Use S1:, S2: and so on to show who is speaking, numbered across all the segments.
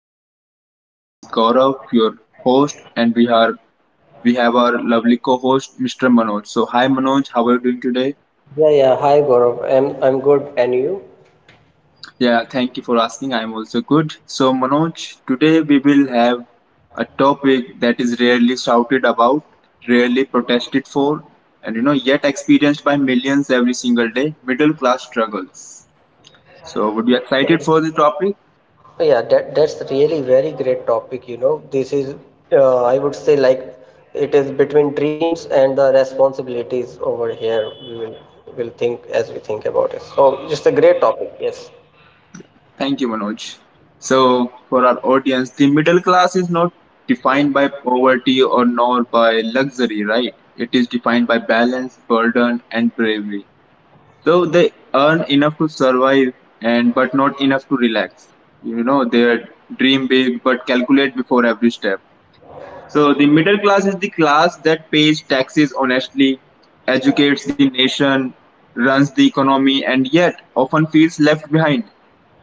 S1: Podcast. My name is Gaurav, your host, and we have our lovely co-host Mr. Manoj. So hi Manoj, how are you doing today?
S2: Yeah. Hi, Gaurav. I'm good, and you?
S1: Yeah, thank you for asking. I'm also good. So Manoj, today we will have a topic that is rarely shouted about, rarely protested for, and you know yet experienced by millions every single day: middle class struggles. So would you excited for the topic?
S2: That's really very great topic. You know, this is I would say like it is between dreams and the responsibilities over here. We will think as we think about it. So it's a great topic. Yes.
S1: Thank you, Manoj. So, for our audience, the middle class is not defined by poverty or nor by luxury, right? It is defined by balance, burden, and bravery. So they earn enough to survive and but not enough to relax. You know, they dream big but calculate before every step. So the middle class is the class that pays taxes honestly, educates the nation, runs the economy, and yet often feels left behind.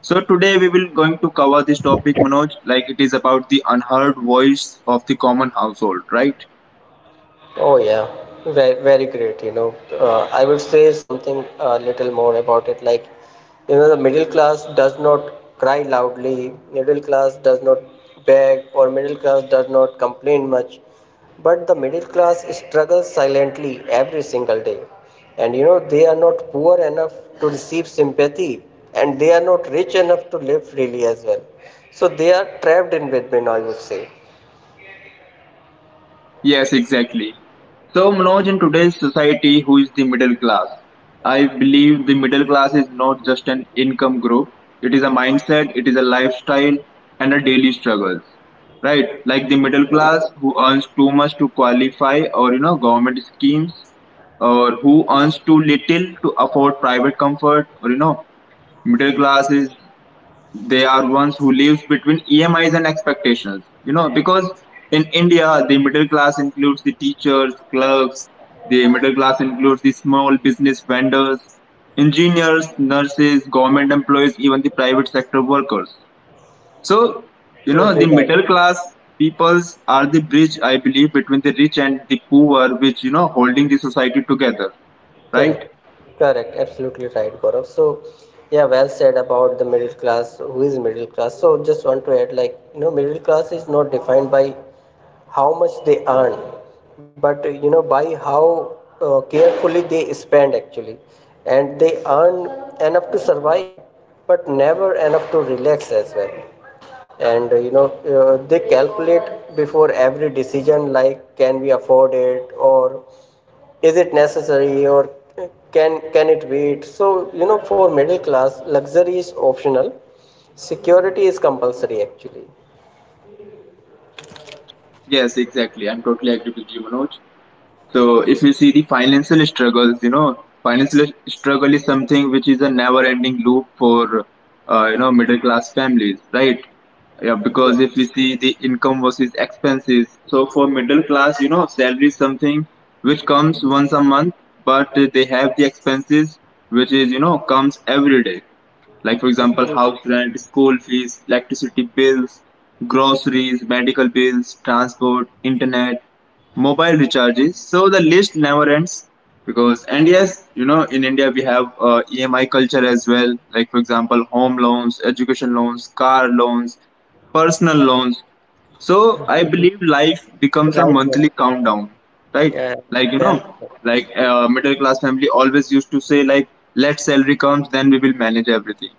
S1: So today we will going to cover this topic, Manoj, like it is about the unheard voice of the common household, right?
S2: Oh yeah, very great. You know, I would say something a little more about it. Like, you know, the middle class does not cry loudly. Middle class does not beg, or middle class does not complain much. But the middle class struggles silently every single day, and you know they are not poor enough to receive sympathy, and they are not rich enough to live freely as well. So they are trapped in between, I would say.
S1: Yes, exactly. So Manoj, in today's society, who is the middle class? I believe the middle class is not just an income group. It is a mindset, it is a lifestyle and a daily struggles. Right? Like the middle class who earns too much to qualify or you know government schemes, or who earns too little to afford private comfort. Or you know middle class is, they are ones who lives between EMIs and expectations. You know, because in India, the middle class includes the teachers, clerks. The middle class includes the small business vendors, engineers, nurses, government employees, even the private sector workers. So, you know,
S2: Absolutely
S1: the
S2: right.
S1: middle class peoples are the bridge, I believe, between the rich and the poor, which, you know, holding the society together, right?
S2: Correct, Absolutely right, Gaurav. So, yeah, well said about the middle class. Who is middle class? So, just want to add, like, you know, middle class is not defined by how much they earn, but you know, by how carefully they spend actually, and they earn enough to survive, but never enough to relax as well, and they calculate before every decision, like can we afford it, or is it necessary, or can it wait. So you know, for middle class luxury is optional, security is compulsory actually.
S1: Yes, exactly. I'm totally agree with you, Manoj. So if you see the financial struggles, you know, financial struggle is something which is a never-ending loop for you know middle-class families, right? Yeah, because
S2: Yes.
S1: if you see the income versus expenses, so for middle class, you know, salary is something which comes once a month, but they have the expenses which is you know comes every day, like for example
S2: Absolutely
S1: house rent, school fees, electricity bills, groceries, medical bills, transport, internet, mobile recharges. So the list never ends because, and yes, you know, in India we have EMI culture as well. Like for example, home loans, education loans, car loans, personal loans. So I believe life becomes a
S2: right,
S1: monthly
S2: Gaurav.
S1: countdown, right?
S2: Yeah,
S1: Like you
S2: well
S1: know,
S2: said.
S1: like
S2: Yeah.
S1: middle class family always used to say like, let salary comes, then we will manage everything.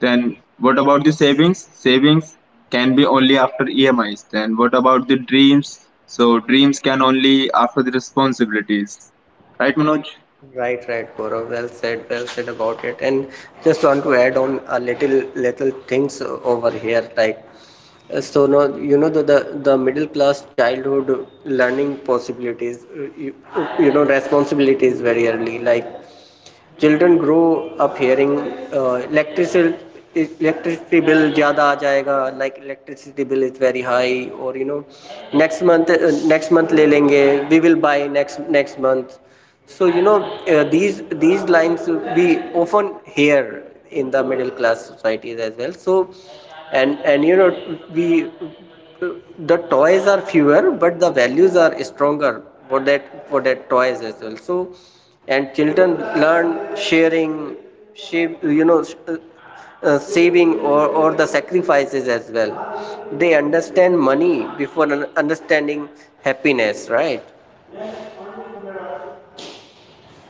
S1: Then what about the savings? Savings can be only after EMIs. Then what about the dreams? So dreams can only after the responsibilities, right, Manoj?
S2: Right, Gaurav, well said, well said about it. And just want to add on a little things over here, like, so now you know the middle class childhood learning possibilities, you, you know responsibilities very early. Like children grow up hearing uh, electricity electricity bill ज़्यादा आ जाएगा, like electricity bill is very high, or you know next month, next month ले लेंगे, we will buy next month. So you know, these lines we often hear in the middle class societies as well. So, and you know, we, the toys are fewer but the values are stronger for that toys as well. So, and children learn sharing, shape, you know sh- saving, or the sacrifices as well. They understand money before understanding happiness, right?
S1: Yes, exactly.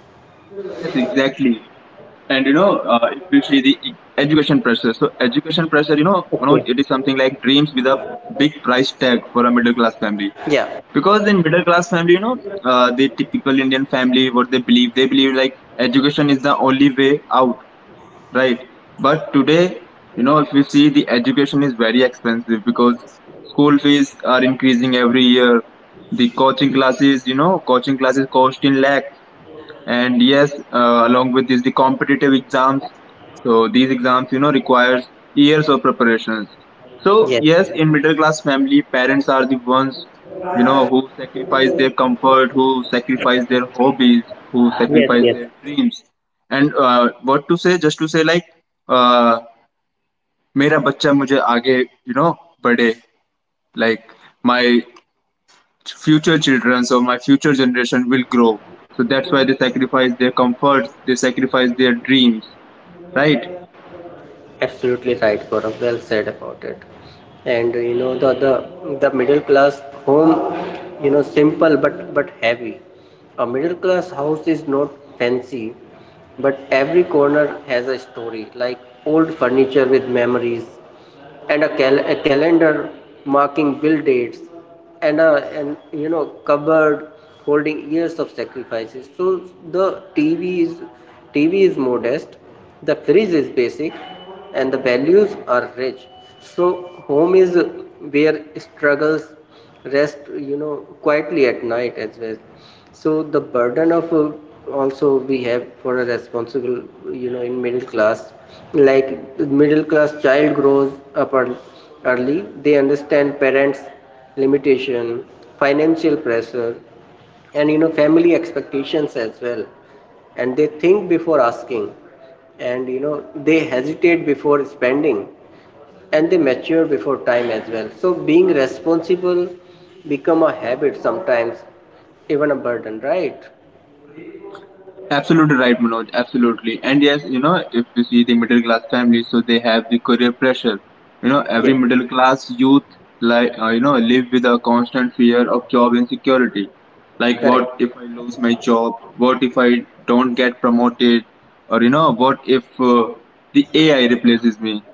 S1: And you know, if you see the education pressure, so education pressure, you know, Manoj, it is something like
S2: Okay.
S1: dreams with a big price tag for a middle class family.
S2: Yeah.
S1: Because in middle class family, you know, the typical Indian family, what they believe like education is the only way out, right? But today, you know, if you see the education is very expensive because school fees are increasing every year. The coaching classes, you know, coaching classes cost in lakhs. And yes along with this the competitive exams, so these exams you know requires years of preparations. So
S2: Yes.
S1: yes, in middle class family parents are the ones, you know, who sacrifice their comfort, who sacrifice their hobbies, who
S2: Yes,
S1: sacrifice
S2: yes.
S1: their dreams. And what to say, just to say like, uh, मेरा बच्चा मुझे आगे you know बढ़े, like my future children or my future generation will grow. So that's why they sacrifice their comforts, they sacrifice their dreams, right?
S2: Absolutely right, Gaurav. Well said about it. And you know, the the middle class home, you know, simple but heavy. A middle class house is not fancy, but every corner has a story, like old furniture with memories, and a calendar marking bill dates, and a, and you know, cupboard holding years of sacrifices. So the TV is modest, the fridge is basic, and the values are rich. So home is where struggles rest, you know, quietly at night as well. So the burden of also we have for a responsible, you know, in middle class. Like middle class child grows up early, they understand parents limitation, financial pressure, and you know family expectations as well. And they think before asking, and you know they hesitate before spending, and they mature before time as well. So being responsible become a habit sometimes, even a burden, right?
S1: Absolutely right, Manoj. Absolutely. And yes, you know, if you see the middle class families, so they have the career pressure. You know, every
S2: Yes.
S1: middle class youth, like you know, live with a constant fear of job insecurity. Like,
S2: Correct.
S1: what if I lose my job? What if I don't get promoted? Or you know, what if the AI replaces me?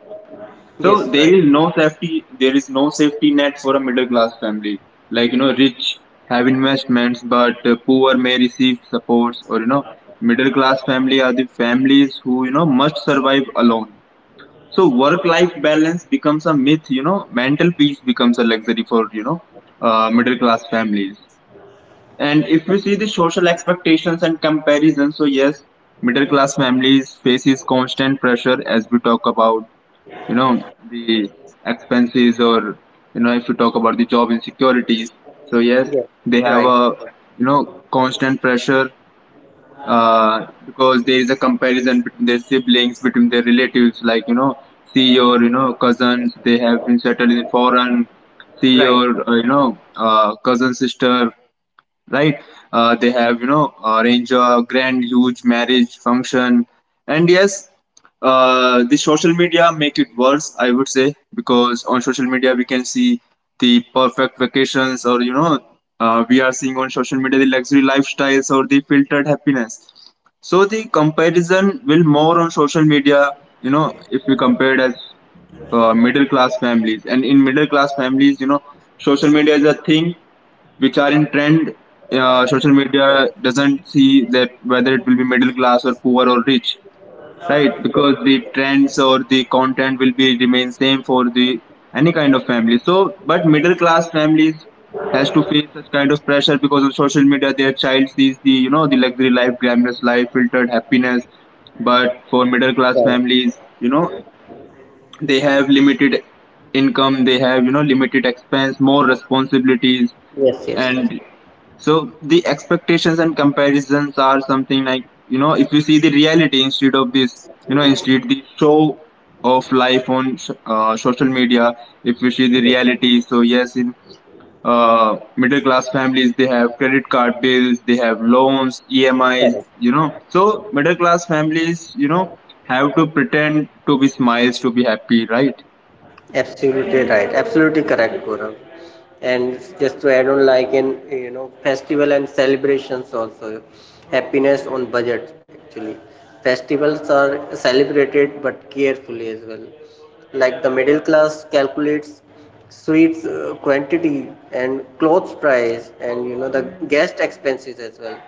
S1: So
S2: Yes,
S1: there
S2: right.
S1: is no safety, there is no safety net for a middle class family. Like you know, rich have investments, but poor may receive supports. Or you know, middle class family are the families who you know must survive alone. So work life balance becomes a myth. You know, mental peace becomes a luxury for you know middle class families. And if you see the social expectations and comparison, so yes, middle class families faces constant pressure as we talk about, you know, the expenses, or you know if you talk about the job insecurities, so yes
S2: Yes,
S1: they have
S2: right.
S1: a, you know, constant pressure, because there is a comparison between their siblings, between their relatives, like you know, see your you know cousins they have been settled in foreign, see your
S2: Right.
S1: you know cousin sister, right? They have, you know, arrange a grand, huge marriage function. And yes, the social media make it worse, I would say, because on social media we can see the perfect vacations or, you know, we are seeing on social media the luxury lifestyles or the filtered happiness. So the comparison will more on social media, you know, if we compared as middle class families. And in middle class families, you know, social media is a thing which are in trend. Social media doesn't see that whether it will be middle class or poor or rich, right? Because the trends or the content will be remain same for the any kind of family. So, but middle class families has to face such kind of pressure because on social media their child sees the you know the luxury life, glamorous life, filtered happiness. But for middle class
S2: Right.
S1: families, you know, they have limited income, they have you know limited expense, more responsibilities,
S2: Yes, yes, yes.
S1: and so the expectations and comparisons are something like, you know, if you see the reality instead of this, you know, instead the show of life on social media, if you see the reality, so yes in middle class families they have credit card bills, they have loans, EMIs, you know, so middle class families you know have to pretend to be smiles to be happy, right?
S2: Absolutely right. Absolutely correct, Gaurav. And just to add on, like in you know festival and celebrations also, happiness on budget actually. Festivals are celebrated but carefully as well. Like the middle class calculates sweets quantity, and clothes price, and you know the guest expenses as well.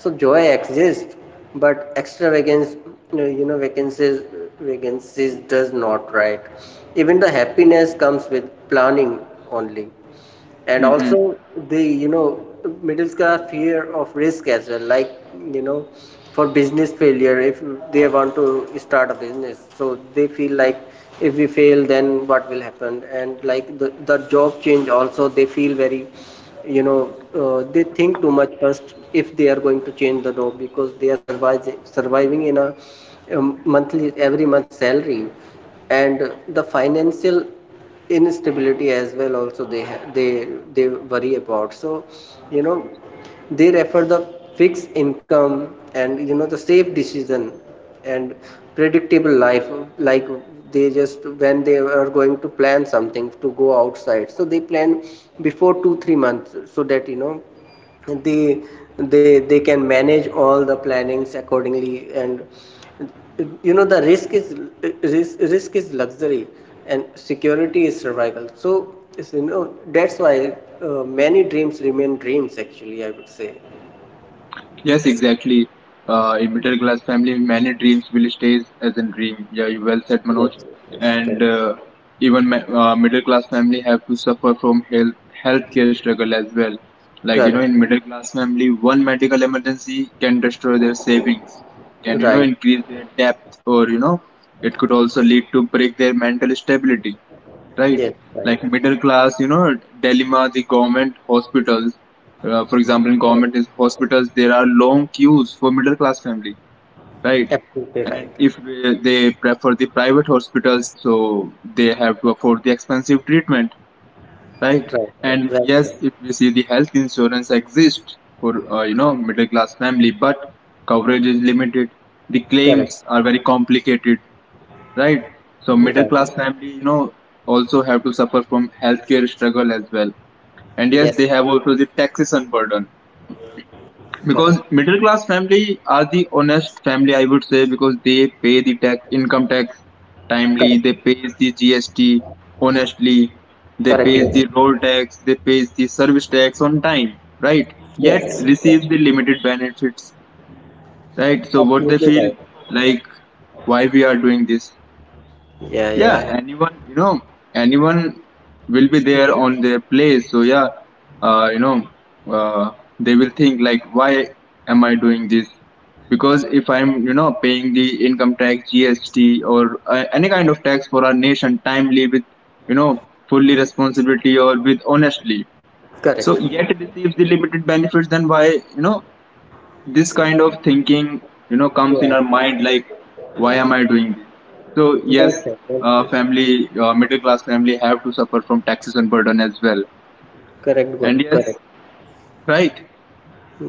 S2: So joy exists, but extravagance, you know, vacancies does not, right? Even the happiness comes with planning only. And
S1: Mhm.
S2: also the, you know, middle class fear of risk as well. Like you know, for business failure, if they want to start a business, so they feel like, if we fail then what will happen. And like the job change also, they feel very, you know, they think too much first if they are going to change the job, because they are surviving in a monthly every month salary, and the financial instability as well also they they worry about. So you know, they refer the fixed income, and you know the safe decision, and predictable life. Like they just, when they are going to plan something to go outside, so they plan before 2 3 months, so that you know they they can manage all the plannings accordingly. And you know the risk is luxury, and security is survival. So it's, you know, that's why many dreams remain dreams actually, I would say.
S1: Yes, exactly. In middle class family, many dreams will stay as a dream. Yeah, you well said, Manoj.
S2: Yes. Yes.
S1: And
S2: Correct.
S1: even middle class family have to suffer from healthcare struggle as well. Like you know,
S2: Correct.
S1: in middle class family, one medical emergency can destroy their savings, can you know
S2: Right.
S1: increase their debt, or you know, it could also lead to break their mental stability, right?
S2: Yes. Right.
S1: Like middle class, you know, dilemma, the government hospitals. For example, in
S2: Correct.
S1: government is hospitals, there are long queues for middle class family, right?
S2: Absolutely right.
S1: And if they prefer the private hospitals, so they have to afford the expensive treatment, right? And
S2: Right, right,
S1: yes, if we see the health insurance exists for you know middle class family, but coverage is limited. The
S2: Correct.
S1: claims are very complicated, right? So middle
S2: Right.
S1: class family, you know, also have to suffer from healthcare struggle as well. And
S2: Yes.
S1: yes, they have also the taxation burden because
S2: Correct.
S1: middle class family are the honest family, I would say, because they pay the tax, income tax timely,
S2: Correct.
S1: they pay the GST honestly, they
S2: Correct,
S1: pay
S2: Lokesh.
S1: the road tax, they pay the service tax on time, right? Yet
S2: Yes, yes.
S1: receive the limited benefits, right? So what they
S2: Absolutely
S1: feel
S2: right.
S1: like, why we are doing this? Yeah,
S2: Yeah.
S1: anyone, you know, anyone will be there on their place. So yeah, you know, uh, they will think like, why am I doing this? Because if I'm, you know, paying the income tax, GST, or any kind of tax for our nation timely with, you know, fully responsibility or with honestly, so
S2: Correct.
S1: yet receives the limited benefits, then why, you know, this kind of thinking you know comes in
S2: yeah
S1: our
S2: yeah.
S1: mind like why am I doing this? So yes,
S2: Well said, well said.
S1: family middle class family have to suffer from taxes and burden as well.
S2: Correct,
S1: And
S2: guru,
S1: yes,
S2: correct.
S1: right.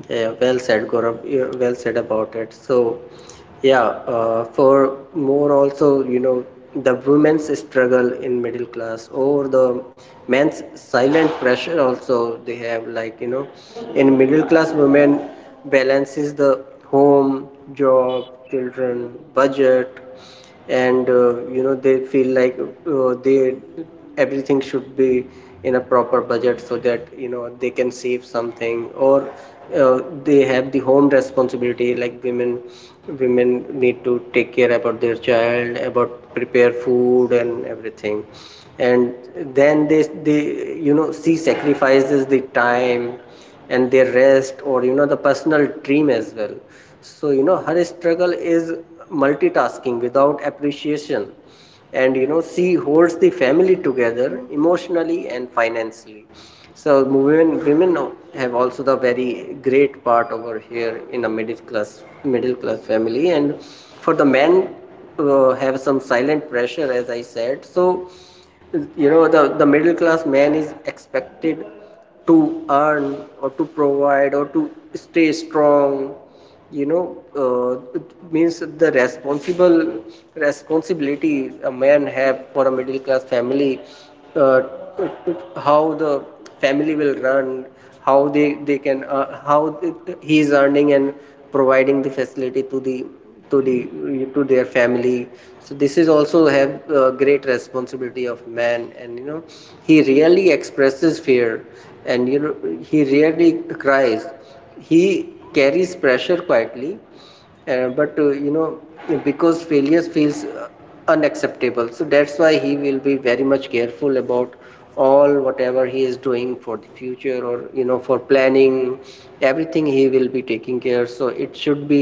S2: Yeah, yeah, well said, Gaurav. Yeah, well said about it. So, yeah, for more also, you know, the women's struggle in middle class, or the men's silent pressure also they have. Like you know, in middle class, women balances the home, job, children, budget, and you know they feel like, they everything should be in a proper budget so that you know they can save something. Or they have the home responsibility, like women need to take care about their child, about prepare food and everything. And then they, you know, she sacrifices the time, and their rest, or you know, the personal dream as well. So you know, her struggle is multitasking without appreciation, and you know she holds the family together emotionally and financially. So women have also the very great part over here in a middle class family. And for the men, have some silent pressure as I said. So you know, the middle class man is expected to earn, or to provide, or to stay strong, you know. uh, it means the responsible responsibility a man have for a middle class family. uh, how the family will run, how they can, how he is earning and providing the facility to the to their family. So this is also have great responsibility of man. And you know, he rarely expresses fear, and you know he rarely cries. He carries pressure quietly, but you know, because failures feels unacceptable. So that's why he will be very much careful about all whatever he is doing for the future, or you know for planning. Everything he will be taking care, so it should be,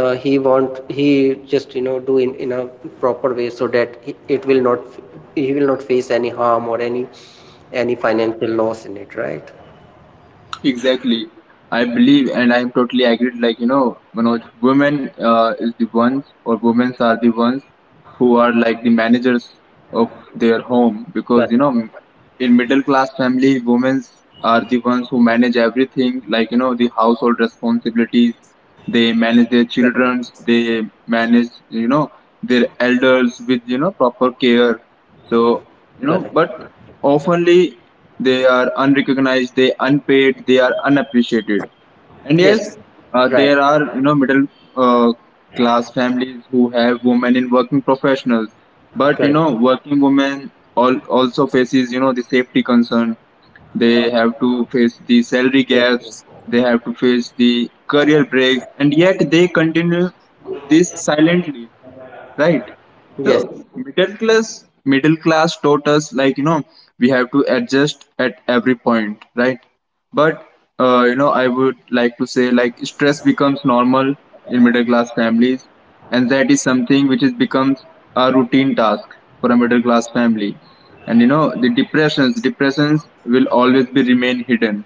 S2: he just, you know, do in a proper way, so that it will not, he will not face any harm or any financial loss in it, right?
S1: Exactly. I believe and I'm totally agreed. Like, you know, Manoj, women is the ones, or women are the ones who are like the managers of their home because, you
S2: Correct.
S1: know, in middle class family, women are the ones who manage everything like, you know, the household responsibilities. They manage their
S2: Correct.
S1: children. They manage, you know, their elders with, you know, proper care. So, you know,
S2: Correct.
S1: but oftenly they are unrecognized, they unpaid, they are unappreciated. And
S2: Yes,
S1: yes,
S2: right.
S1: there are, you know, middle uh, class families who have women in working professionals. But, you
S2: Correct.
S1: know, working women also faces, you know, the safety concern. They have to face the salary
S2: Yes.
S1: gaps. They have to face the career breaks. And yet they continue this silently, right?
S2: Yes. Yes,
S1: So middle class taught us, like, you know, we have to adjust at every point, right? But you know, I would like to say, like, stress becomes normal in middle class families, and that is something which is becomes a routine task for a middle class family. And you know the depressions will always be remain hidden.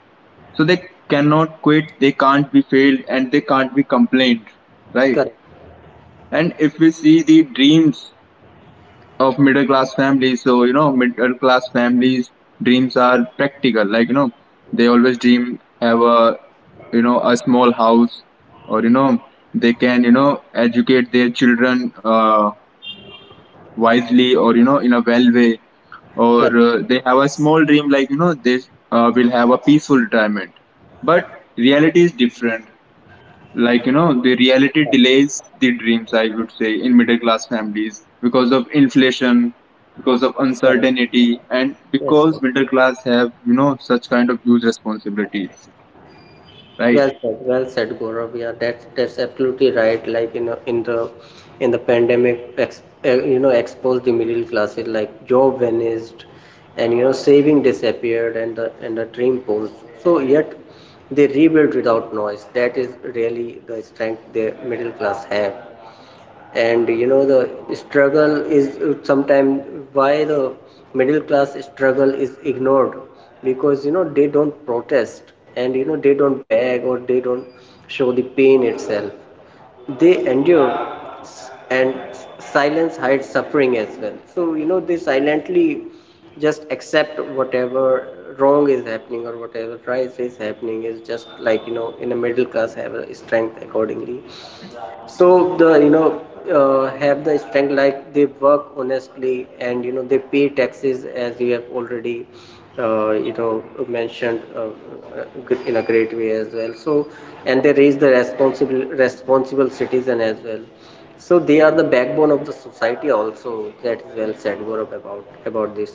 S1: So they cannot quit, they can't be failed, and they can't be complained, right?
S2: correct.
S1: And if we see the dreams of middle class families, so, you know, middle class families' dreams are practical. Like, you know, they always dream have a, you know, a small house, or, you know, they can, you know, educate their children wisely, or, you know, in a well way, or
S2: Correct.
S1: they have a small dream, like, you know, they will have a peaceful retirement. But reality is different. Like, you know, the reality
S2: Correct.
S1: delays the dreams, I would say, in middle class families because of inflation, because of
S2: Correct.
S1: uncertainty, and
S2: Yes,
S1: because middle class have, you know, such kind of huge responsibilities, right?
S2: yes. Well said. Well said, Gaurav. Yeah, that's absolutely right. Like you know, in the pandemic, you know, exposed the middle classes. Like job vanished, and you know, saving disappeared, and the dream posed. So yet, they rebuilt without noise. That is really the strength the middle class have. And you know, the struggle is sometimes, why the middle class struggle is ignored, because you know they don't protest, and you know they don't beg, or they don't show the pain itself. They endure, and silence hides suffering as well. So you know, they silently just accept whatever wrong is happening or whatever right is happening, is just like you know, in a middle class have a strength accordingly. So the, you know, have the strength, like they work honestly, and you know they pay taxes as you have already uh, you know mentioned, in a great way as well. So, and they raise the responsible citizen as well. So they are the backbone of the society also. That is well said, Gaurav, about this,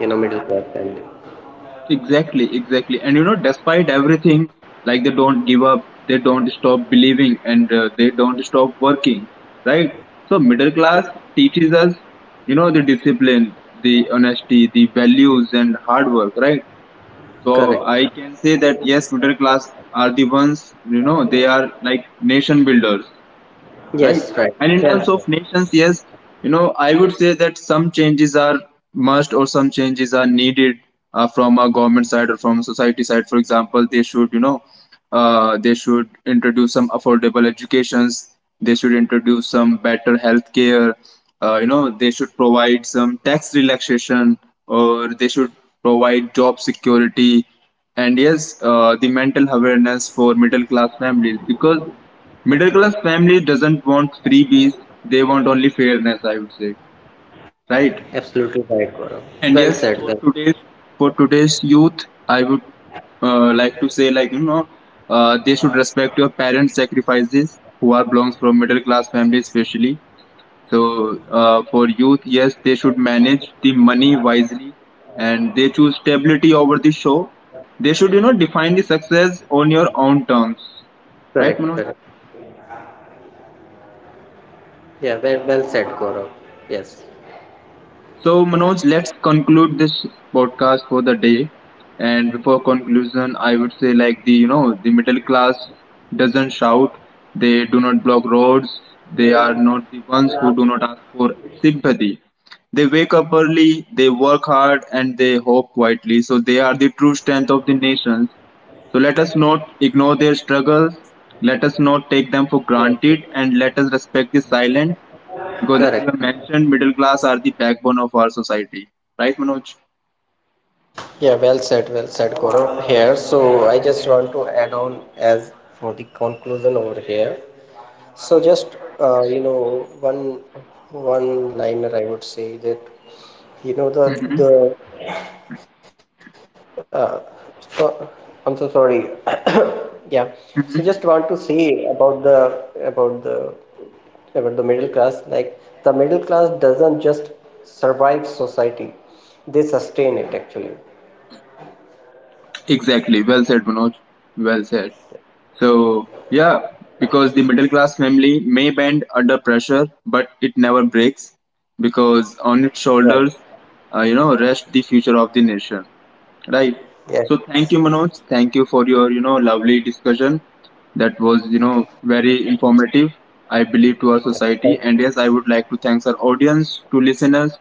S2: you know, middle class family.
S1: Exactly, and you know, despite everything, like, they don't give up, they don't stop believing, and they don't stop working, right? So middle class teaches us, you know, the discipline, the honesty, the values, and hard work, right? So
S2: Correct.
S1: I can say that, yes, middle class are the ones, you know, they are like nation builders, right?
S2: Yes, right.
S1: And in
S2: Well
S1: terms
S2: said.
S1: of nations, yes, you know, I would say that some changes are must, or some changes are needed from a government side or from society side. For example, they should, you know, they should introduce some affordable educations. They should introduce some better health care. You know, they should provide some tax relaxation, or they should provide job security. And yes, the mental awareness for middle class families, because middle class family doesn't want freebies, they want only fairness, I would say. Right?
S2: Absolutely right, Gaurav. Well
S1: And
S2: said.
S1: yes,
S2: Well.
S1: for today's youth, I would like to say, like, you know, they should respect your parents' sacrifices who are belongs from middle class family especially. So for youth, yes, they should manage the money wisely, and they choose stability over the show. They should, you know, define the success on your own terms. Right,
S2: Correct. Correct.
S1: Manoj?
S2: Yeah, well, well said, Gaurav. Yes.
S1: So, Manoj, let's conclude this podcast for the day. And before conclusion, I would say, like, the, you know, the middle class doesn't shout. They do not block roads. They are not the ones who do not ask for sympathy. They wake up early, they work hard, and they hope quietly. So they are the true strength of the nation. So let us not ignore their struggles. Let us not take them for
S2: Yes, yes.
S1: granted, and let us respect the silent, because as you
S2: Correct.
S1: have mentioned, middle class are the backbone of our society. Right, Manoj?
S2: Yeah, well said, Gaurav. Here, so I just want to add on as for the conclusion over here. So just you know, one liner I would say, that you know the Uh, so, I'm so sorry. Yeah. So just want to say about the middle class. Like the middle class doesn't just survive society; they sustain it actually.
S1: Exactly. Well said, Manoj. Well said. So, yeah, because the middle class family may bend under pressure, but it never breaks, because on its shoulders,
S2: Right.
S1: you know, rest the future of the nation. Right. So, thank you,
S2: Yes.
S1: Manoj. Thank you for your, you know, lovely discussion. That was, you know, very informative, I believe, to our society.
S2: Thank
S1: And
S2: you.
S1: yes, I would like to thank our audience, to listeners.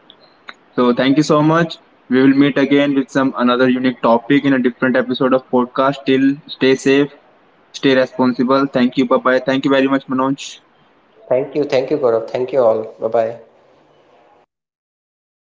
S1: So thank you so much. We will meet again with some another unique topic in a different episode of podcast. Till stay safe, stay responsible. Thank you. Bye bye. Thank you very much, Manoj.
S2: Thank you. Thank you, Gaurav. Thank you all. Bye bye.